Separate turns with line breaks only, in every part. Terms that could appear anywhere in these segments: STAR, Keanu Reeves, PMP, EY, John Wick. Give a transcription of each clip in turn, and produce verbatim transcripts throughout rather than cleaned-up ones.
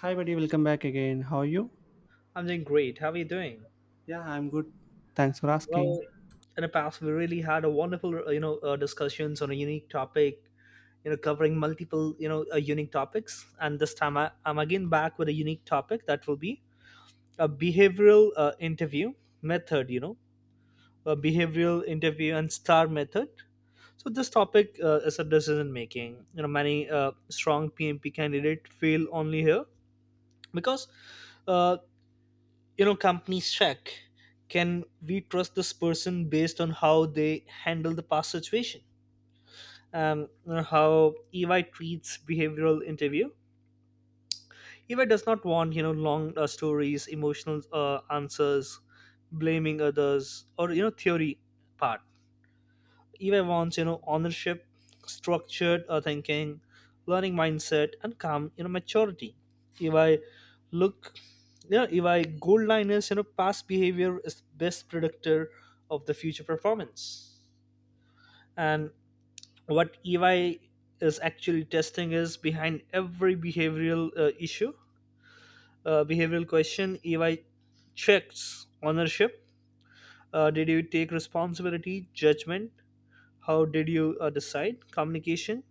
Hi, buddy. Welcome back again. How are you?
I'm doing great. How are you doing?
Yeah, I'm good. Thanks for asking.
Well, in the past, we really had a wonderful, uh, you know, uh, discussions on a unique topic, you know, covering multiple, you know, uh, unique topics. And this time, I, I'm again back with a unique topic that will be a behavioral uh, interview method, you know, a behavioral interview and star method. So this topic uh, is a decision making. You know, many uh, strong P M P candidate fail only here because uh, you know companies check, can we trust this person based on how they handle the past situation? Um, you know, how ey treats behavioral interview. Ey does not want you know long uh, stories, emotional uh, answers, blaming others, or you know theory part. Eva wants, you know, ownership, structured uh, thinking, learning mindset, and calm, you know, maturity. If I look, you know, if I gold line is, you know, past behavior is best predictor of the future performance. And what E Y is actually testing is, behind every behavioral uh, issue, uh, behavioral question, E Y checks ownership. Uh, did you take responsibility, judgment? How did you uh, decide? Communication,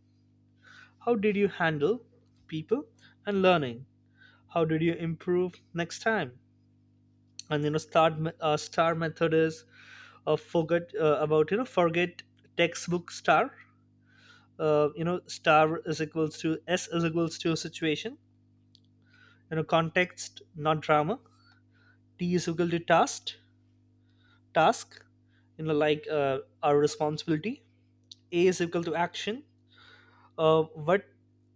how did you handle people and learning? How did you improve next time? And you know, start uh, star method is, uh, forget uh, about you know forget textbook star. Uh, you know, Star is equals to S is equals to situation. You know, context not drama. T is equal to task task. You know, like uh, our responsibility. A is equal to action. Uh, what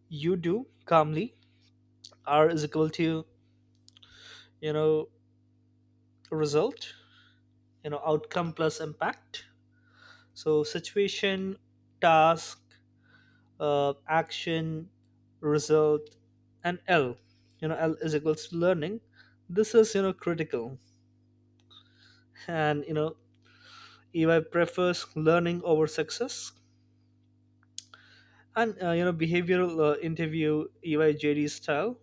you do calmly. R is equal to you know result, you know outcome plus impact. So situation, task, uh, action, result, and l, you know l is equals to learning. This is you know critical, and you know ey prefers learning over success. And uh, you know behavioral uh, interview ey jd style,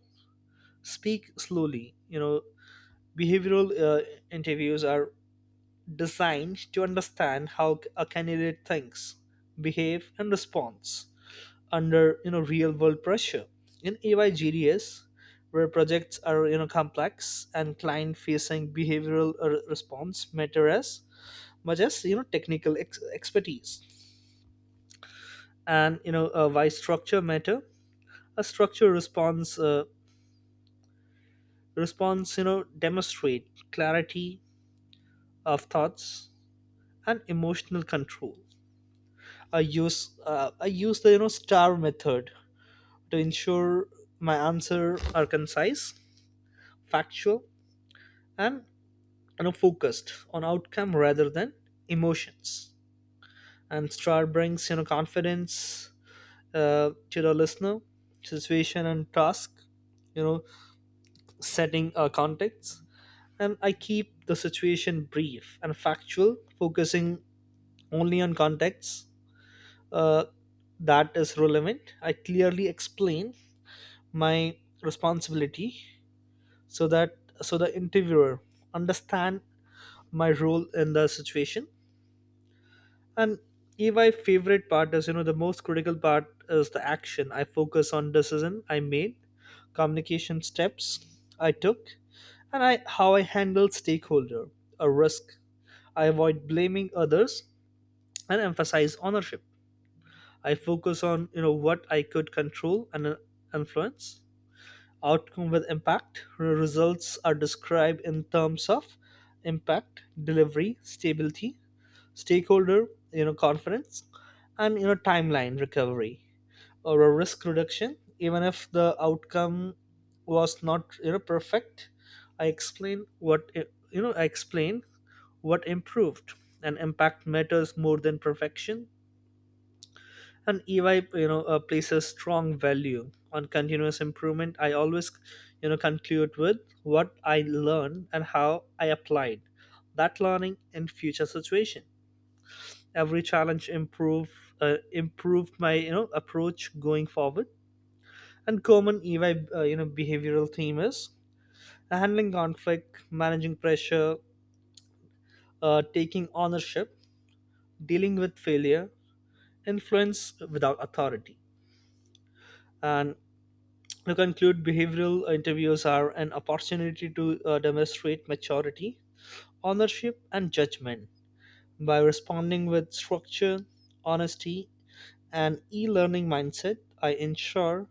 speak slowly. You know behavioral uh, interviews are designed to understand how a candidate thinks, behave, and responds under you know real world pressure in A Y G D S, where projects are you know complex and client facing. Behavioral uh, response matter as much as you know technical ex- expertise. And you know uh, why structure matter? A structure response uh, response you know demonstrate clarity of thoughts and emotional control. I use uh, i use the you know star method to ensure my answer are concise, factual, and you know focused on outcome rather than emotions. And star brings you know confidence uh, to the listener. Situation and task, you know setting uh, context. And I keep the situation brief and factual, focusing only on context uh, that is relevant. I clearly explain my responsibility, so that so the interviewer understand my role in the situation. And my favorite part is, you know, the most critical part is the action. I focus on decision I made, communication steps I took, and I how I handle stakeholder, a risk. I avoid blaming others and emphasize ownership. I focus on you know what I could control and uh, influence. Outcome with impact. Results are described in terms of impact, delivery, stability, stakeholder you know conference, and you know timeline recovery, or a risk reduction. Even if the outcome was not you know perfect, i explained what you know i explained what improved, and impact matters more than perfection. And ey you know uh, places strong value on continuous improvement. I always you know conclude with what I learned and how I applied that learning in future situation. Every challenge improve uh, improved my you know approach going forward. And common ey uh, you know behavioral theme is handling conflict, managing pressure, uh, taking ownership, dealing with failure, influence without authority. And to conclude, behavioral interviews are an opportunity to uh, demonstrate maturity, ownership, and judgment. By responding with structure, honesty, and e-learning mindset, I ensure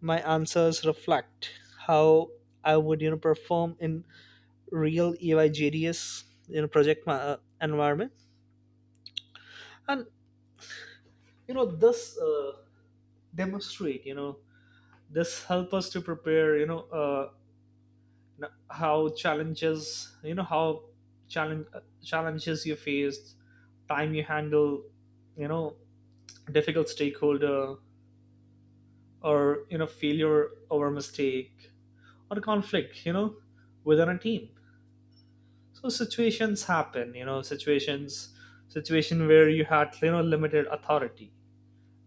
my answers reflect how I would you know perform in real E Y J D S you know project ma- uh, environment. And you know this uh, demonstrate, you know this help us to prepare, you know uh, n- how challenges, you know how challenge uh, challenges you faced, time you handle, you know difficult stakeholder, or you know failure over mistake, or conflict you know within a team. So situations happen, you know situations situation where you had you know limited authority.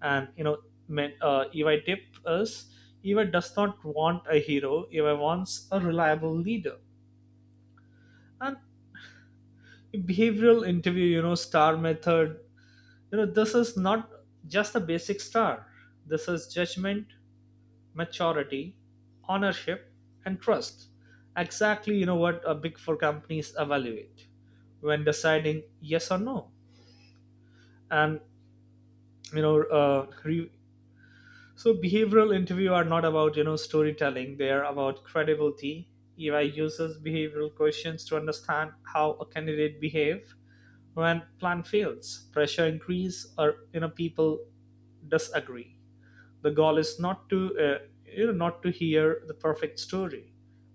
And you know men, uh, eva tip is, eva does not want a hero, eva wants a reliable leader. And behavioral interview, you know star method, you know this is not just a basic star. This is judgment, maturity, ownership, and trust. Exactly you know what a big four companies evaluate when deciding yes or no. And you know uh, re- so behavioral interview are not about you know storytelling, they are about credibility. Ei uses behavioral questions to understand how a candidate behave when plan fails, pressure increase, or you know people disagree. The goal is not to uh, you know not to hear the perfect story,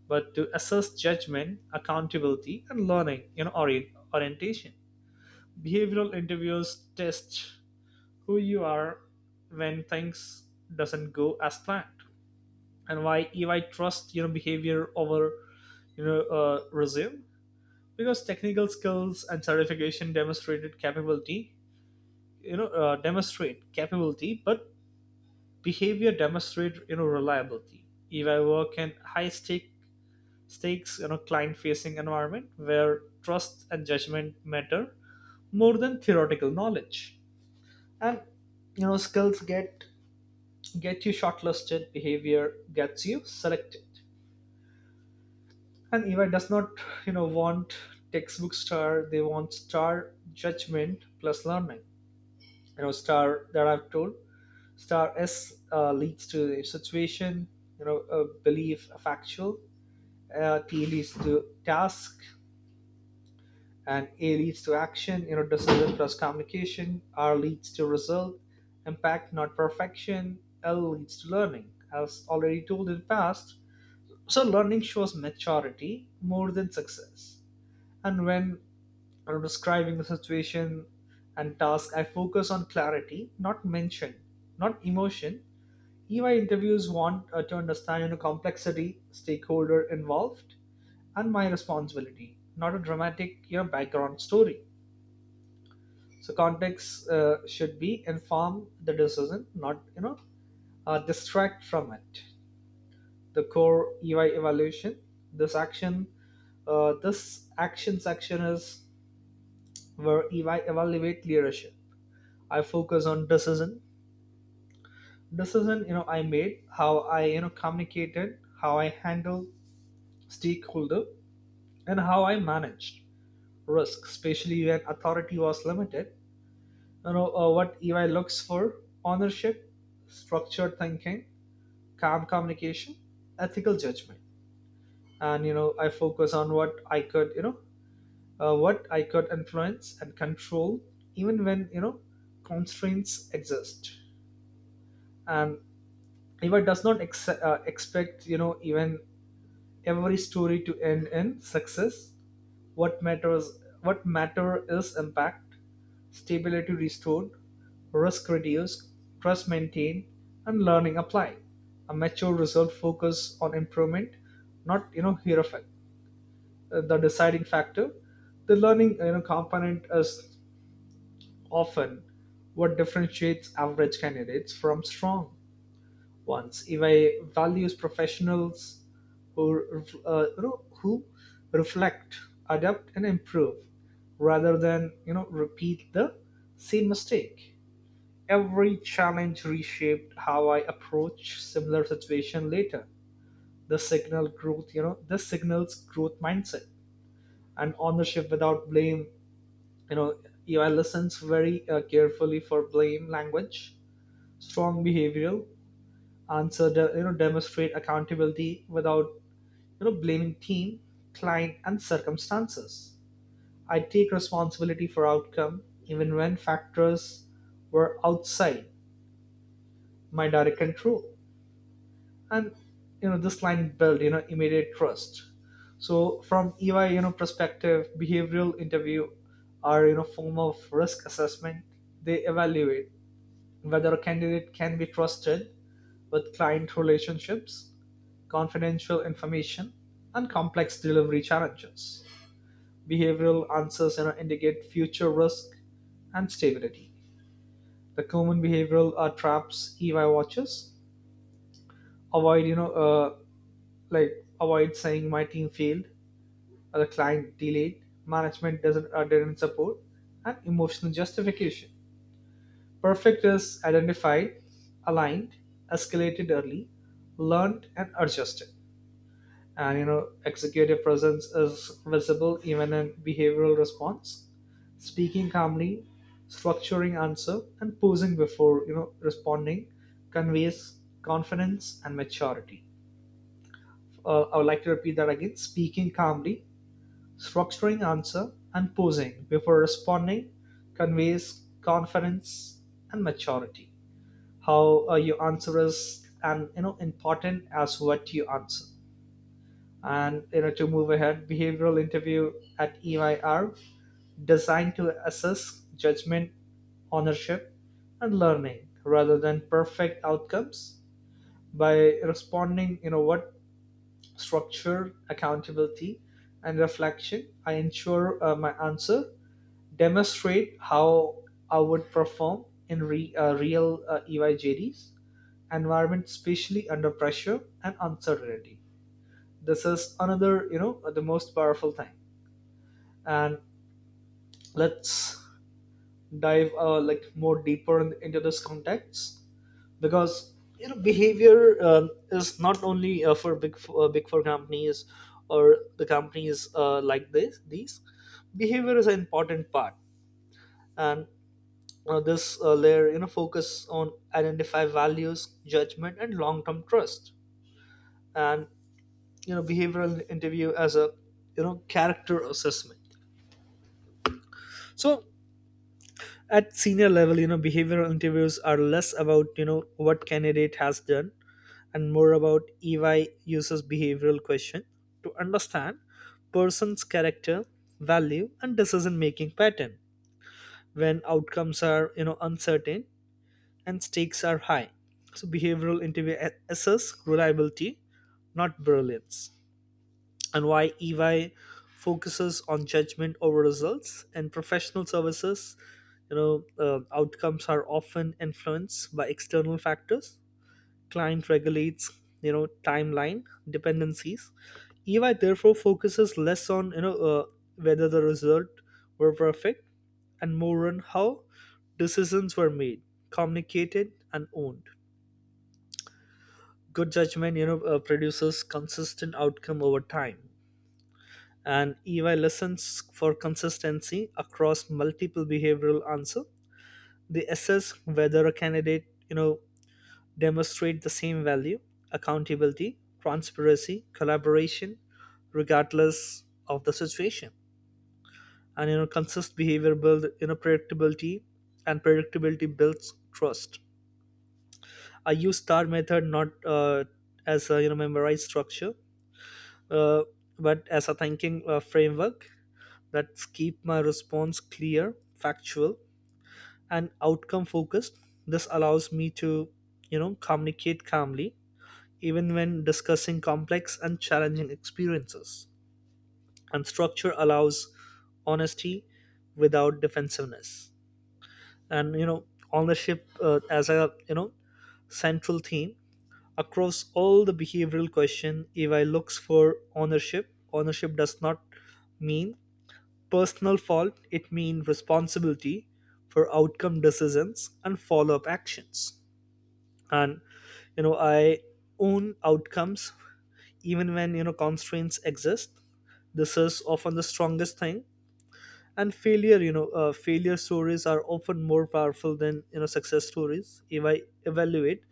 but to assess judgment, accountability, and learning, you know orient- orientation. Behavioral interviews test who you are when things doesn't go as planned, and why if I trust you know behavior over you know uh, resume. Because technical skills and certification demonstrated capability, you know uh, demonstrate capability, but behavior demonstrate you know reliability if I work in high stake stakes you know client facing environment where trust and judgment matter more than theoretical knowledge. And you know skills get get you shortlisted, behavior gets you selected. And eva does not you know want textbook star, they want star judgment plus learning. you know Star that I've told, star s, uh, leads to a situation, you know a belief, a factual. Uh, t leads to task, and a leads to action, you know decision plus communication. R leads to result, impact not perfection. L leads to learning, as already told in the past. So learning shows maturity more than success. And when I'm describing the situation and task, I focus on clarity, not mention, not emotion. E Y interviews want uh, to understand you know, complexity, stakeholder involved, and my responsibility, not a dramatic you know, background story. So context uh, should be inform the decision, not you know uh, distract from it. The core E Y evaluation. This action, uh, this action section is where E Y evaluate leadership. I focus on decision, decision you know I made, how I you know communicated, how I handled stakeholder, and how I managed risk, especially when authority was limited. You know uh, what E Y looks for: ownership, structured thinking, calm communication, ethical judgment. And you know I focus on what I could you know uh, what I could influence and control, even when you know constraints exist. And eva does not ex- uh, expect, you know even every story to end in success. What matters, what matter is impact, stability restored, risk reduced, trust maintained, and learning applied. A mature result focus on improvement, not you know hero effect. Uh, The deciding factor, the learning you know component is often what differentiates average candidates from strong ones. Evaluates values professionals who, uh, you know, who reflect, adapt, and improve rather than you know repeat the same mistake. Every challenge reshaped how I approach similar situation later. The signal growth, you know, this signals growth mindset and ownership without blame. You know, E I listens very uh, carefully for blame language. Strong behavioral answer de- you know demonstrate accountability without you know blaming team, client, and circumstances. I take responsibility for outcome even when factors were outside my direct control. And you know this line built you know immediate trust. So from ey you know perspective, behavioral interview are you know form of risk assessment. They evaluate whether a candidate can be trusted with client relationships, confidential information, and complex delivery challenges. Behavioral answers indicate future risk and stability. The common behavioral uh, traps E Y watches avoid, you know, uh, like avoid saying my team failed, or the client delayed, management doesn't uh, didn't support, and emotional justification. Perfect is identified, aligned, escalated early, learned, and adjusted. And you know, executive presence is visible even in behavioral response, speaking calmly, structuring answer, and pausing before you know responding conveys confidence and maturity. Uh, I would like to repeat that again: speaking calmly, structuring answer, and pausing before responding conveys confidence and maturity. How uh, you answer is and you know important as what you answer, and you know to move ahead behavioral interview at E Y R designed to assess judgment, ownership, and learning rather than perfect outcomes. By responding you know what structure accountability and reflection, I ensure uh, my answer demonstrate how I would perform in re, uh, real uh, eyjds environment, especially under pressure and uncertainty. This is another you know the most powerful thing. And let's dive uh, like more deeper in- into this context, because you know behavior um, is not only uh, for big f- uh, big four companies or the companies uh, like this these. Behavior is an important part. And uh, this uh, layer you know focus on identify values, judgment, and long term trust. And you know behavioral interview as a you know character assessment. So at senior level, you know behavioral interviews are less about you know what candidate has done, and more about EY uses behavioral question to understand person's character, value, and decision making pattern when outcomes are you know uncertain and stakes are high. So behavioral interview a- assess reliability, not brilliance. And why E Y focuses on judgment over results and professional services. You know, uh, outcomes are often influenced by external factors. Client regulates, you know, timeline dependencies. E Y therefore focuses less on you know uh, whether the result were perfect, and more on how decisions were made, communicated, and owned. Good judgment, you know, uh, produces consistent outcome over time, and E Y listens for consistency across multiple behavioral answer. They assess whether a candidate, you know, demonstrate the same value, accountability, transparency, collaboration, regardless of the situation. And you know, consist behavior build you know predictability, and predictability builds trust. I use star method not uh, as a you know memorized structure, uh, but as a thinking uh, framework that keep my response clear, factual, and outcome focused. This allows me to, you know, communicate calmly even when discussing complex and challenging experiences. And structure allows honesty without defensiveness. And you know, ownership uh, as a you know central theme across all the behavioral question. If I looks for ownership, ownership does not mean personal fault, it means responsibility for outcome decisions and follow up actions. And you know, I own outcomes even when you know constraints exist. This is often the strongest thing. And failure, you know, uh, failure stories are often more powerful than you know success stories. If I evaluate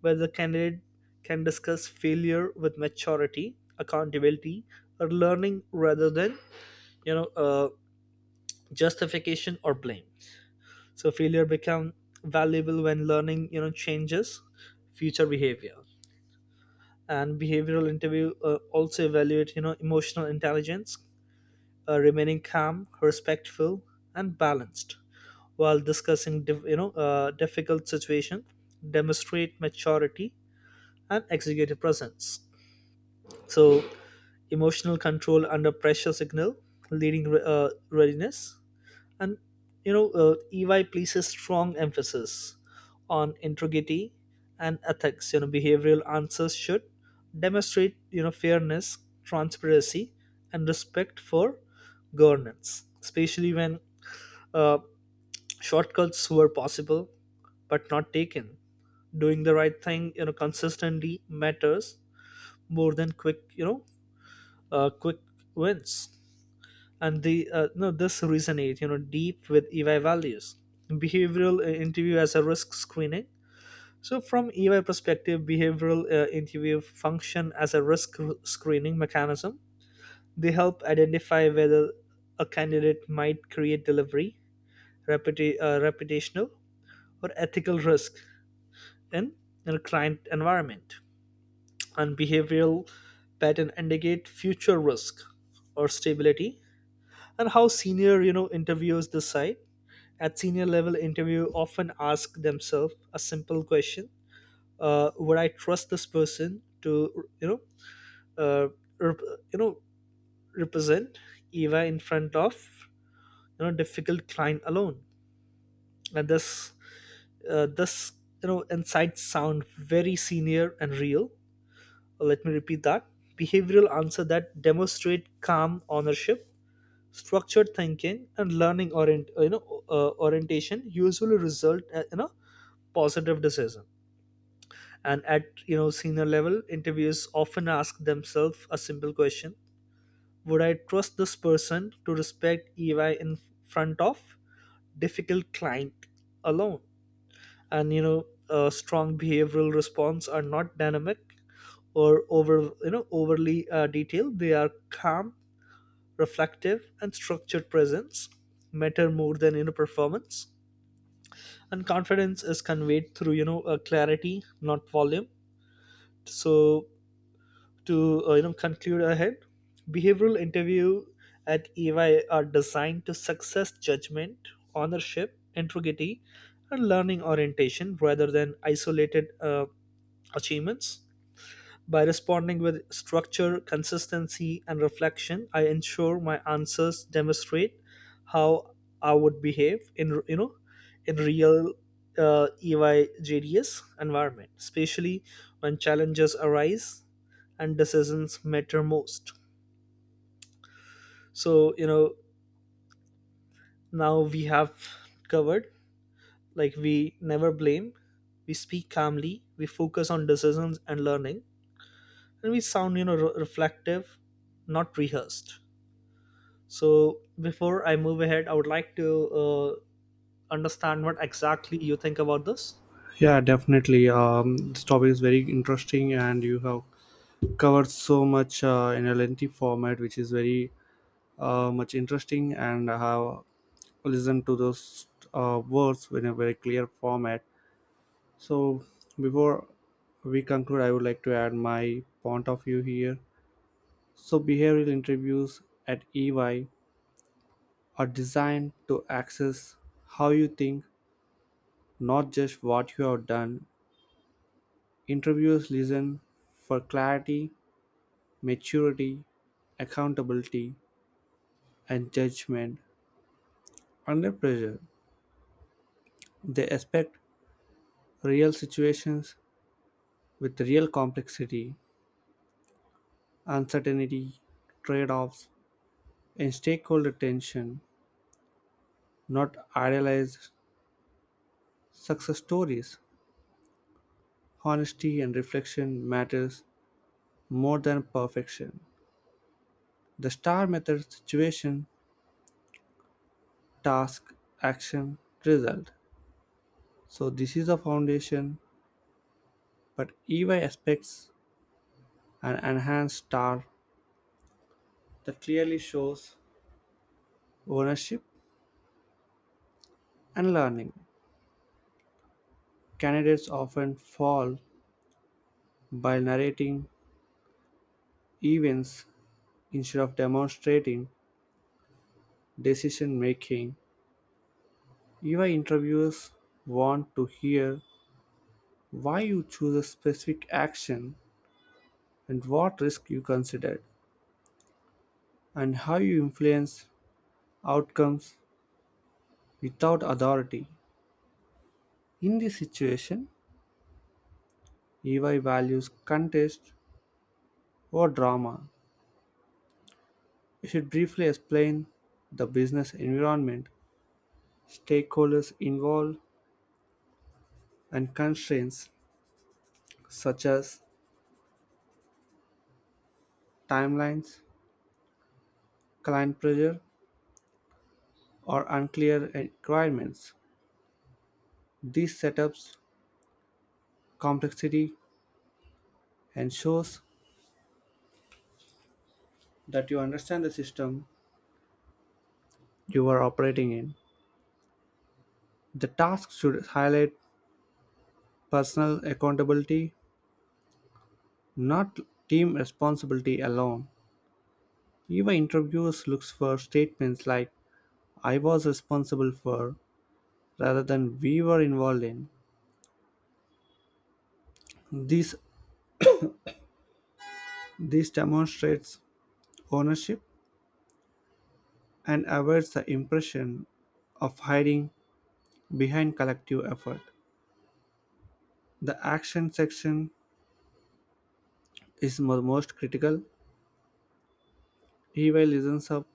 whether the candidate can discuss failure with maturity, accountability, or learning rather than you know uh, justification or blame. So failure become valuable when learning, you know, changes future behavior. And behavioral interview uh, also evaluate, you know, emotional intelligence, uh, remaining calm, respectful, and balanced while discussing, diff- you know, uh, difficult situation, demonstrate maturity and executive presence. So emotional control under pressure signal, leading re- uh, readiness. And you know, uh, E Y places strong emphasis on integrity and ethics. You know, behavioral answers should demonstrate you know fairness, transparency, and respect for governance, especially when uh, shortcuts were possible but not taken. Doing the right thing, you know, consistently matters more than quick, you know, uh, quick wins, and the uh, no this resonate you know deep with E Y values. Behavioral uh, interview as a risk screening. So from E Y perspective, behavioral uh, interview function as a risk r- screening mechanism. They help identify whether a candidate might create delivery, reputa- uh, reputational, or ethical risk in, in a client environment. And behavioral pattern indicate future risk or stability, and how senior you know interviewers decide at senior level interview often ask themselves a simple question: uh, would I trust this person to you know uh, rep- you know represent eva in front of you know difficult client alone. And this uh, this you know insights sound very senior and real. Let me repeat that behavioral answer that demonstrate calm ownership, structured thinking, and learning orient you know uh, orientation usually result uh, in a positive decision. And at you know senior level, interviewers often ask themselves a simple question: would I trust this person to respect EY in front of difficult client alone? And you know uh, strong behavioral response are not dynamic or over you know overly uh, detailed, they are calm, reflective, and structured. Presence matter more than you know performance, and confidence is conveyed through you know uh, clarity not volume. So to uh, you know conclude ahead, behavioral interview at EY are designed to success judgment, ownership, integrity, and learning orientation rather than isolated uh, achievements. By responding with structure, consistency, and reflection, I ensure my answers demonstrate how I would behave in you know in real uh, E Y J D S environment, especially when challenges arise and decisions matter most. So you know now we have covered, like we never blame, we speak calmly, we focus on decisions and learning, and we sound you know re- reflective not rehearsed. So before I move ahead, I would like to uh, understand what exactly you think about this.
Yeah, definitely. Um, this topic is very interesting, and you have covered so much uh, in a lengthy format, which is very uh, much interesting. And I have listened to those uh, words in a very clear format. So, before we conclude, I would like to add my point of view here. So, behavioral interviews at E Y are designed to access how you think, not just what you have done. Interviewers listen for clarity, maturity, accountability, and judgment. Under pressure, they expect real situations with real complexity, uncertainty, trade offs, and stakeholder tension, not idealized success stories. Honesty and reflection matters more than perfection. The S T A R method: situation, task, action, result. So this is a foundation, but E Y expects an enhanced star that clearly shows ownership and learning. Candidates often fall by narrating events instead of demonstrating decision making. E Y interviewers want to hear why you choose a specific action and what risk you considered and how you influence outcomes without authority. In this situation, E Y values contest or drama. You should briefly explain the business environment, stakeholders involved, and constraints such as timelines, client pressure, or unclear requirements. These setups complexity and shows that you understand the system you are operating in. The task should highlight personal accountability, not team responsibility alone. Even interviewers looks for statements like I was responsible for rather than we were involved in. This this demonstrates ownership and avoids the impression of hiding behind collective effort. The action section is mo- most critical. E Y listens up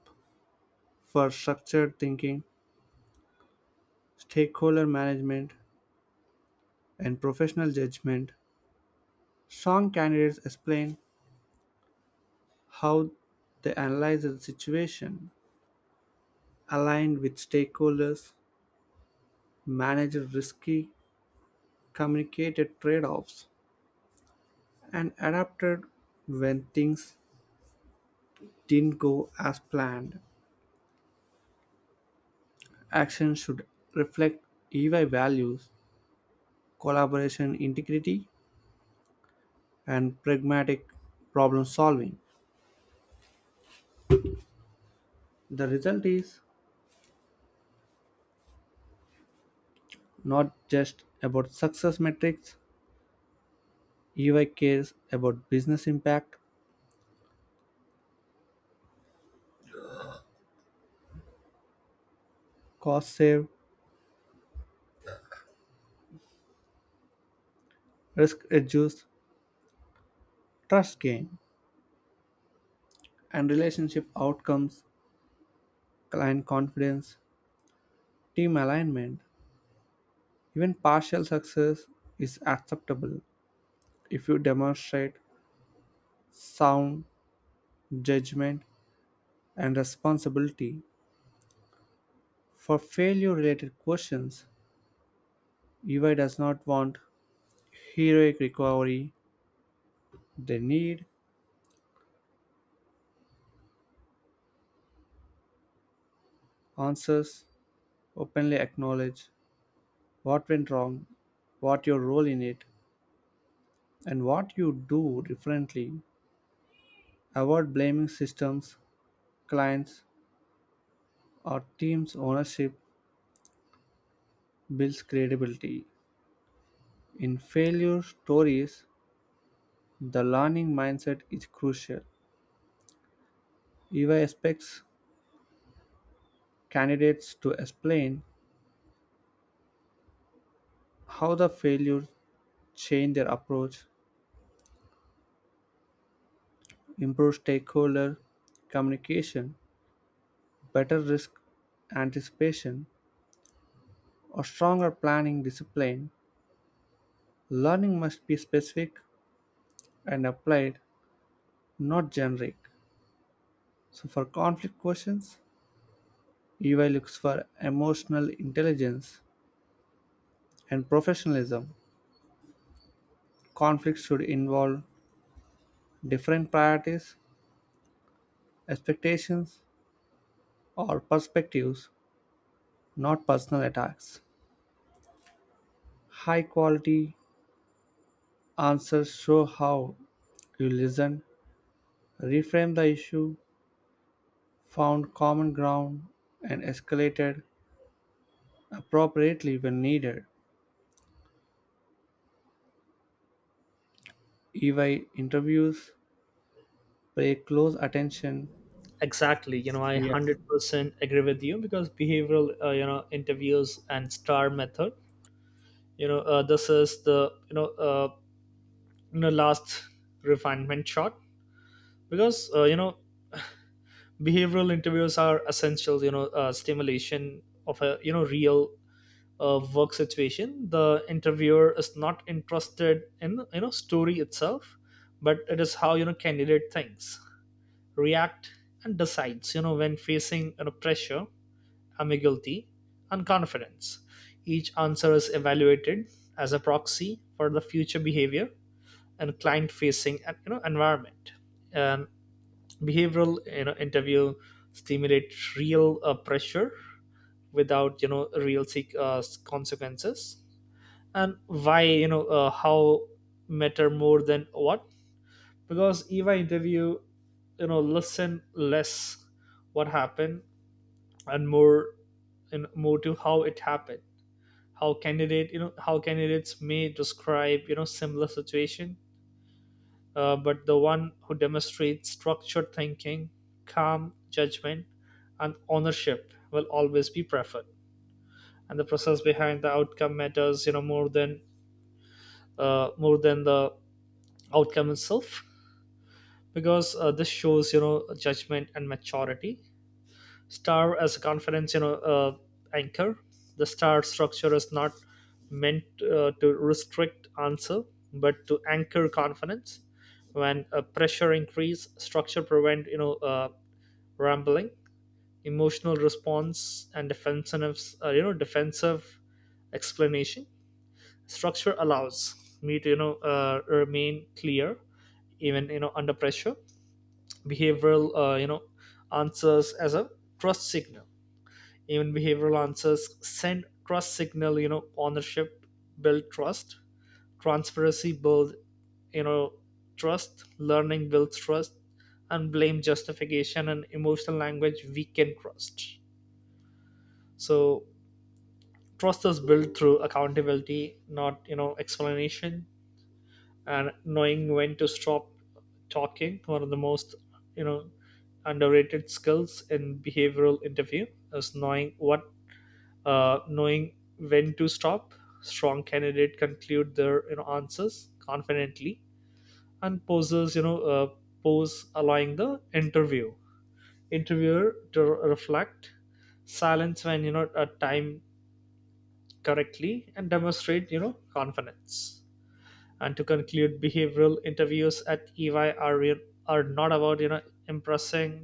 for structured thinking, stakeholder management, and professional judgment. Strong candidates explain how they analyze the situation, aligned with stakeholders, managed risky, communicated trade offs, and adapted when things didn't go as planned. Action should reflect E Y values, collaboration integrity, and pragmatic problem solving. The result is not just about success metrics, E Y cares about business impact, cost save, risk reduce, trust gain, and relationship outcomes, client confidence, team alignment. Even partial success is acceptable if you demonstrate sound judgment and responsibility. For failure related questions, E Y does not want heroic recovery. They need answers, openly acknowledge what went wrong, what your role in it, and what you do differently. Avoid blaming systems, clients, or teams' ownership builds credibility. In failure stories, the learning mindset is crucial. E Y expects candidates to explain how the failure changed their approach, improved stakeholder communication, better risk anticipation, or stronger planning discipline. Learning must be specific and applied, not generic. So, for conflict questions, E Y looks for emotional intelligence and professionalism. Conflicts should involve different priorities, expectations, or perspectives, not personal attacks. High quality answers show how you listened, reframed the issue, found common ground, and escalated appropriately when needed. E Y interviews pay close attention.
Exactly, you know I
Yeah.
one hundred percent agree with you, because behavioral uh, you know interviews and star method, you know uh, this is the you know uh, in a last refinement shot. Because uh, you know behavioral interviews are essential you know uh, stimulation of a you know real uh, work situation. The interviewer is not interested in you know story itself, but it is how you know candidate thinks, react, and decides you know when facing you know, pressure, ambiguity, and confidence. Each answer is evaluated as a proxy for the future behavior and client facing and you know environment. And behavioral you know interview stimulate real uh, pressure without you know real se- uh, consequences. And why you know uh, how matter more than what, because if I interview you know listen less what happened, and more and more to how it happened. How candidate you know how candidates may describe you know similar situation, uh, but the one who demonstrates structured thinking, calm judgment, and ownership will always be preferred. And the process behind the outcome matters, you know, more than uh, more than the outcome itself, because uh, this shows, you know, judgment and maturity. Star as a conference you know uh, anchor. The star structure is not meant uh, to restrict answer, but to anchor confidence. When a pressure increase, structure prevent you know uh, rambling, emotional response, and defensive uh, you know defensive explanation. Structure allows me to you know uh, remain clear even you know under pressure. Behavioral uh, you know answers as a trust signal. Even behavioral answers send trust signal. you know ownership build trust, transparency build you know trust, learning builds trust, and blame, justification, and emotional language weaken trust. So trust is built through accountability, not you know explanation. And knowing when to stop talking, one of the most you know underrated skills in behavioral interview is knowing what uh, knowing when to stop. Strong candidate conclude their you know answers confidently and poses you know uh, pose, allowing the interview interviewer to reflect. Silence when you know at time correctly and demonstrate you know confidence. And to conclude, behavioral interviews at EY are re- are not about you know impressing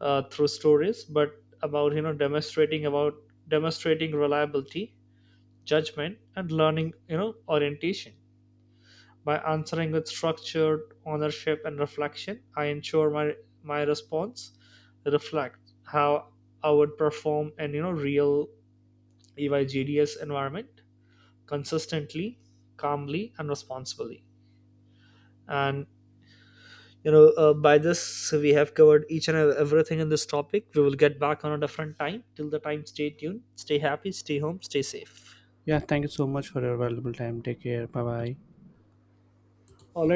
uh, through stories, but about you know demonstrating about demonstrating reliability, judgment, and learning you know orientation. By answering with structured ownership and reflection, I ensure my my response reflect how I would perform in you know real eyjds environment consistently, calmly, and responsibly. And you know uh, by this we have covered each and everything in this topic. We will get back on a different time. Till the time, stay tuned, stay happy, stay home, stay safe.
Yeah, thank you so much for your valuable time. Take care. Bye bye.
All right.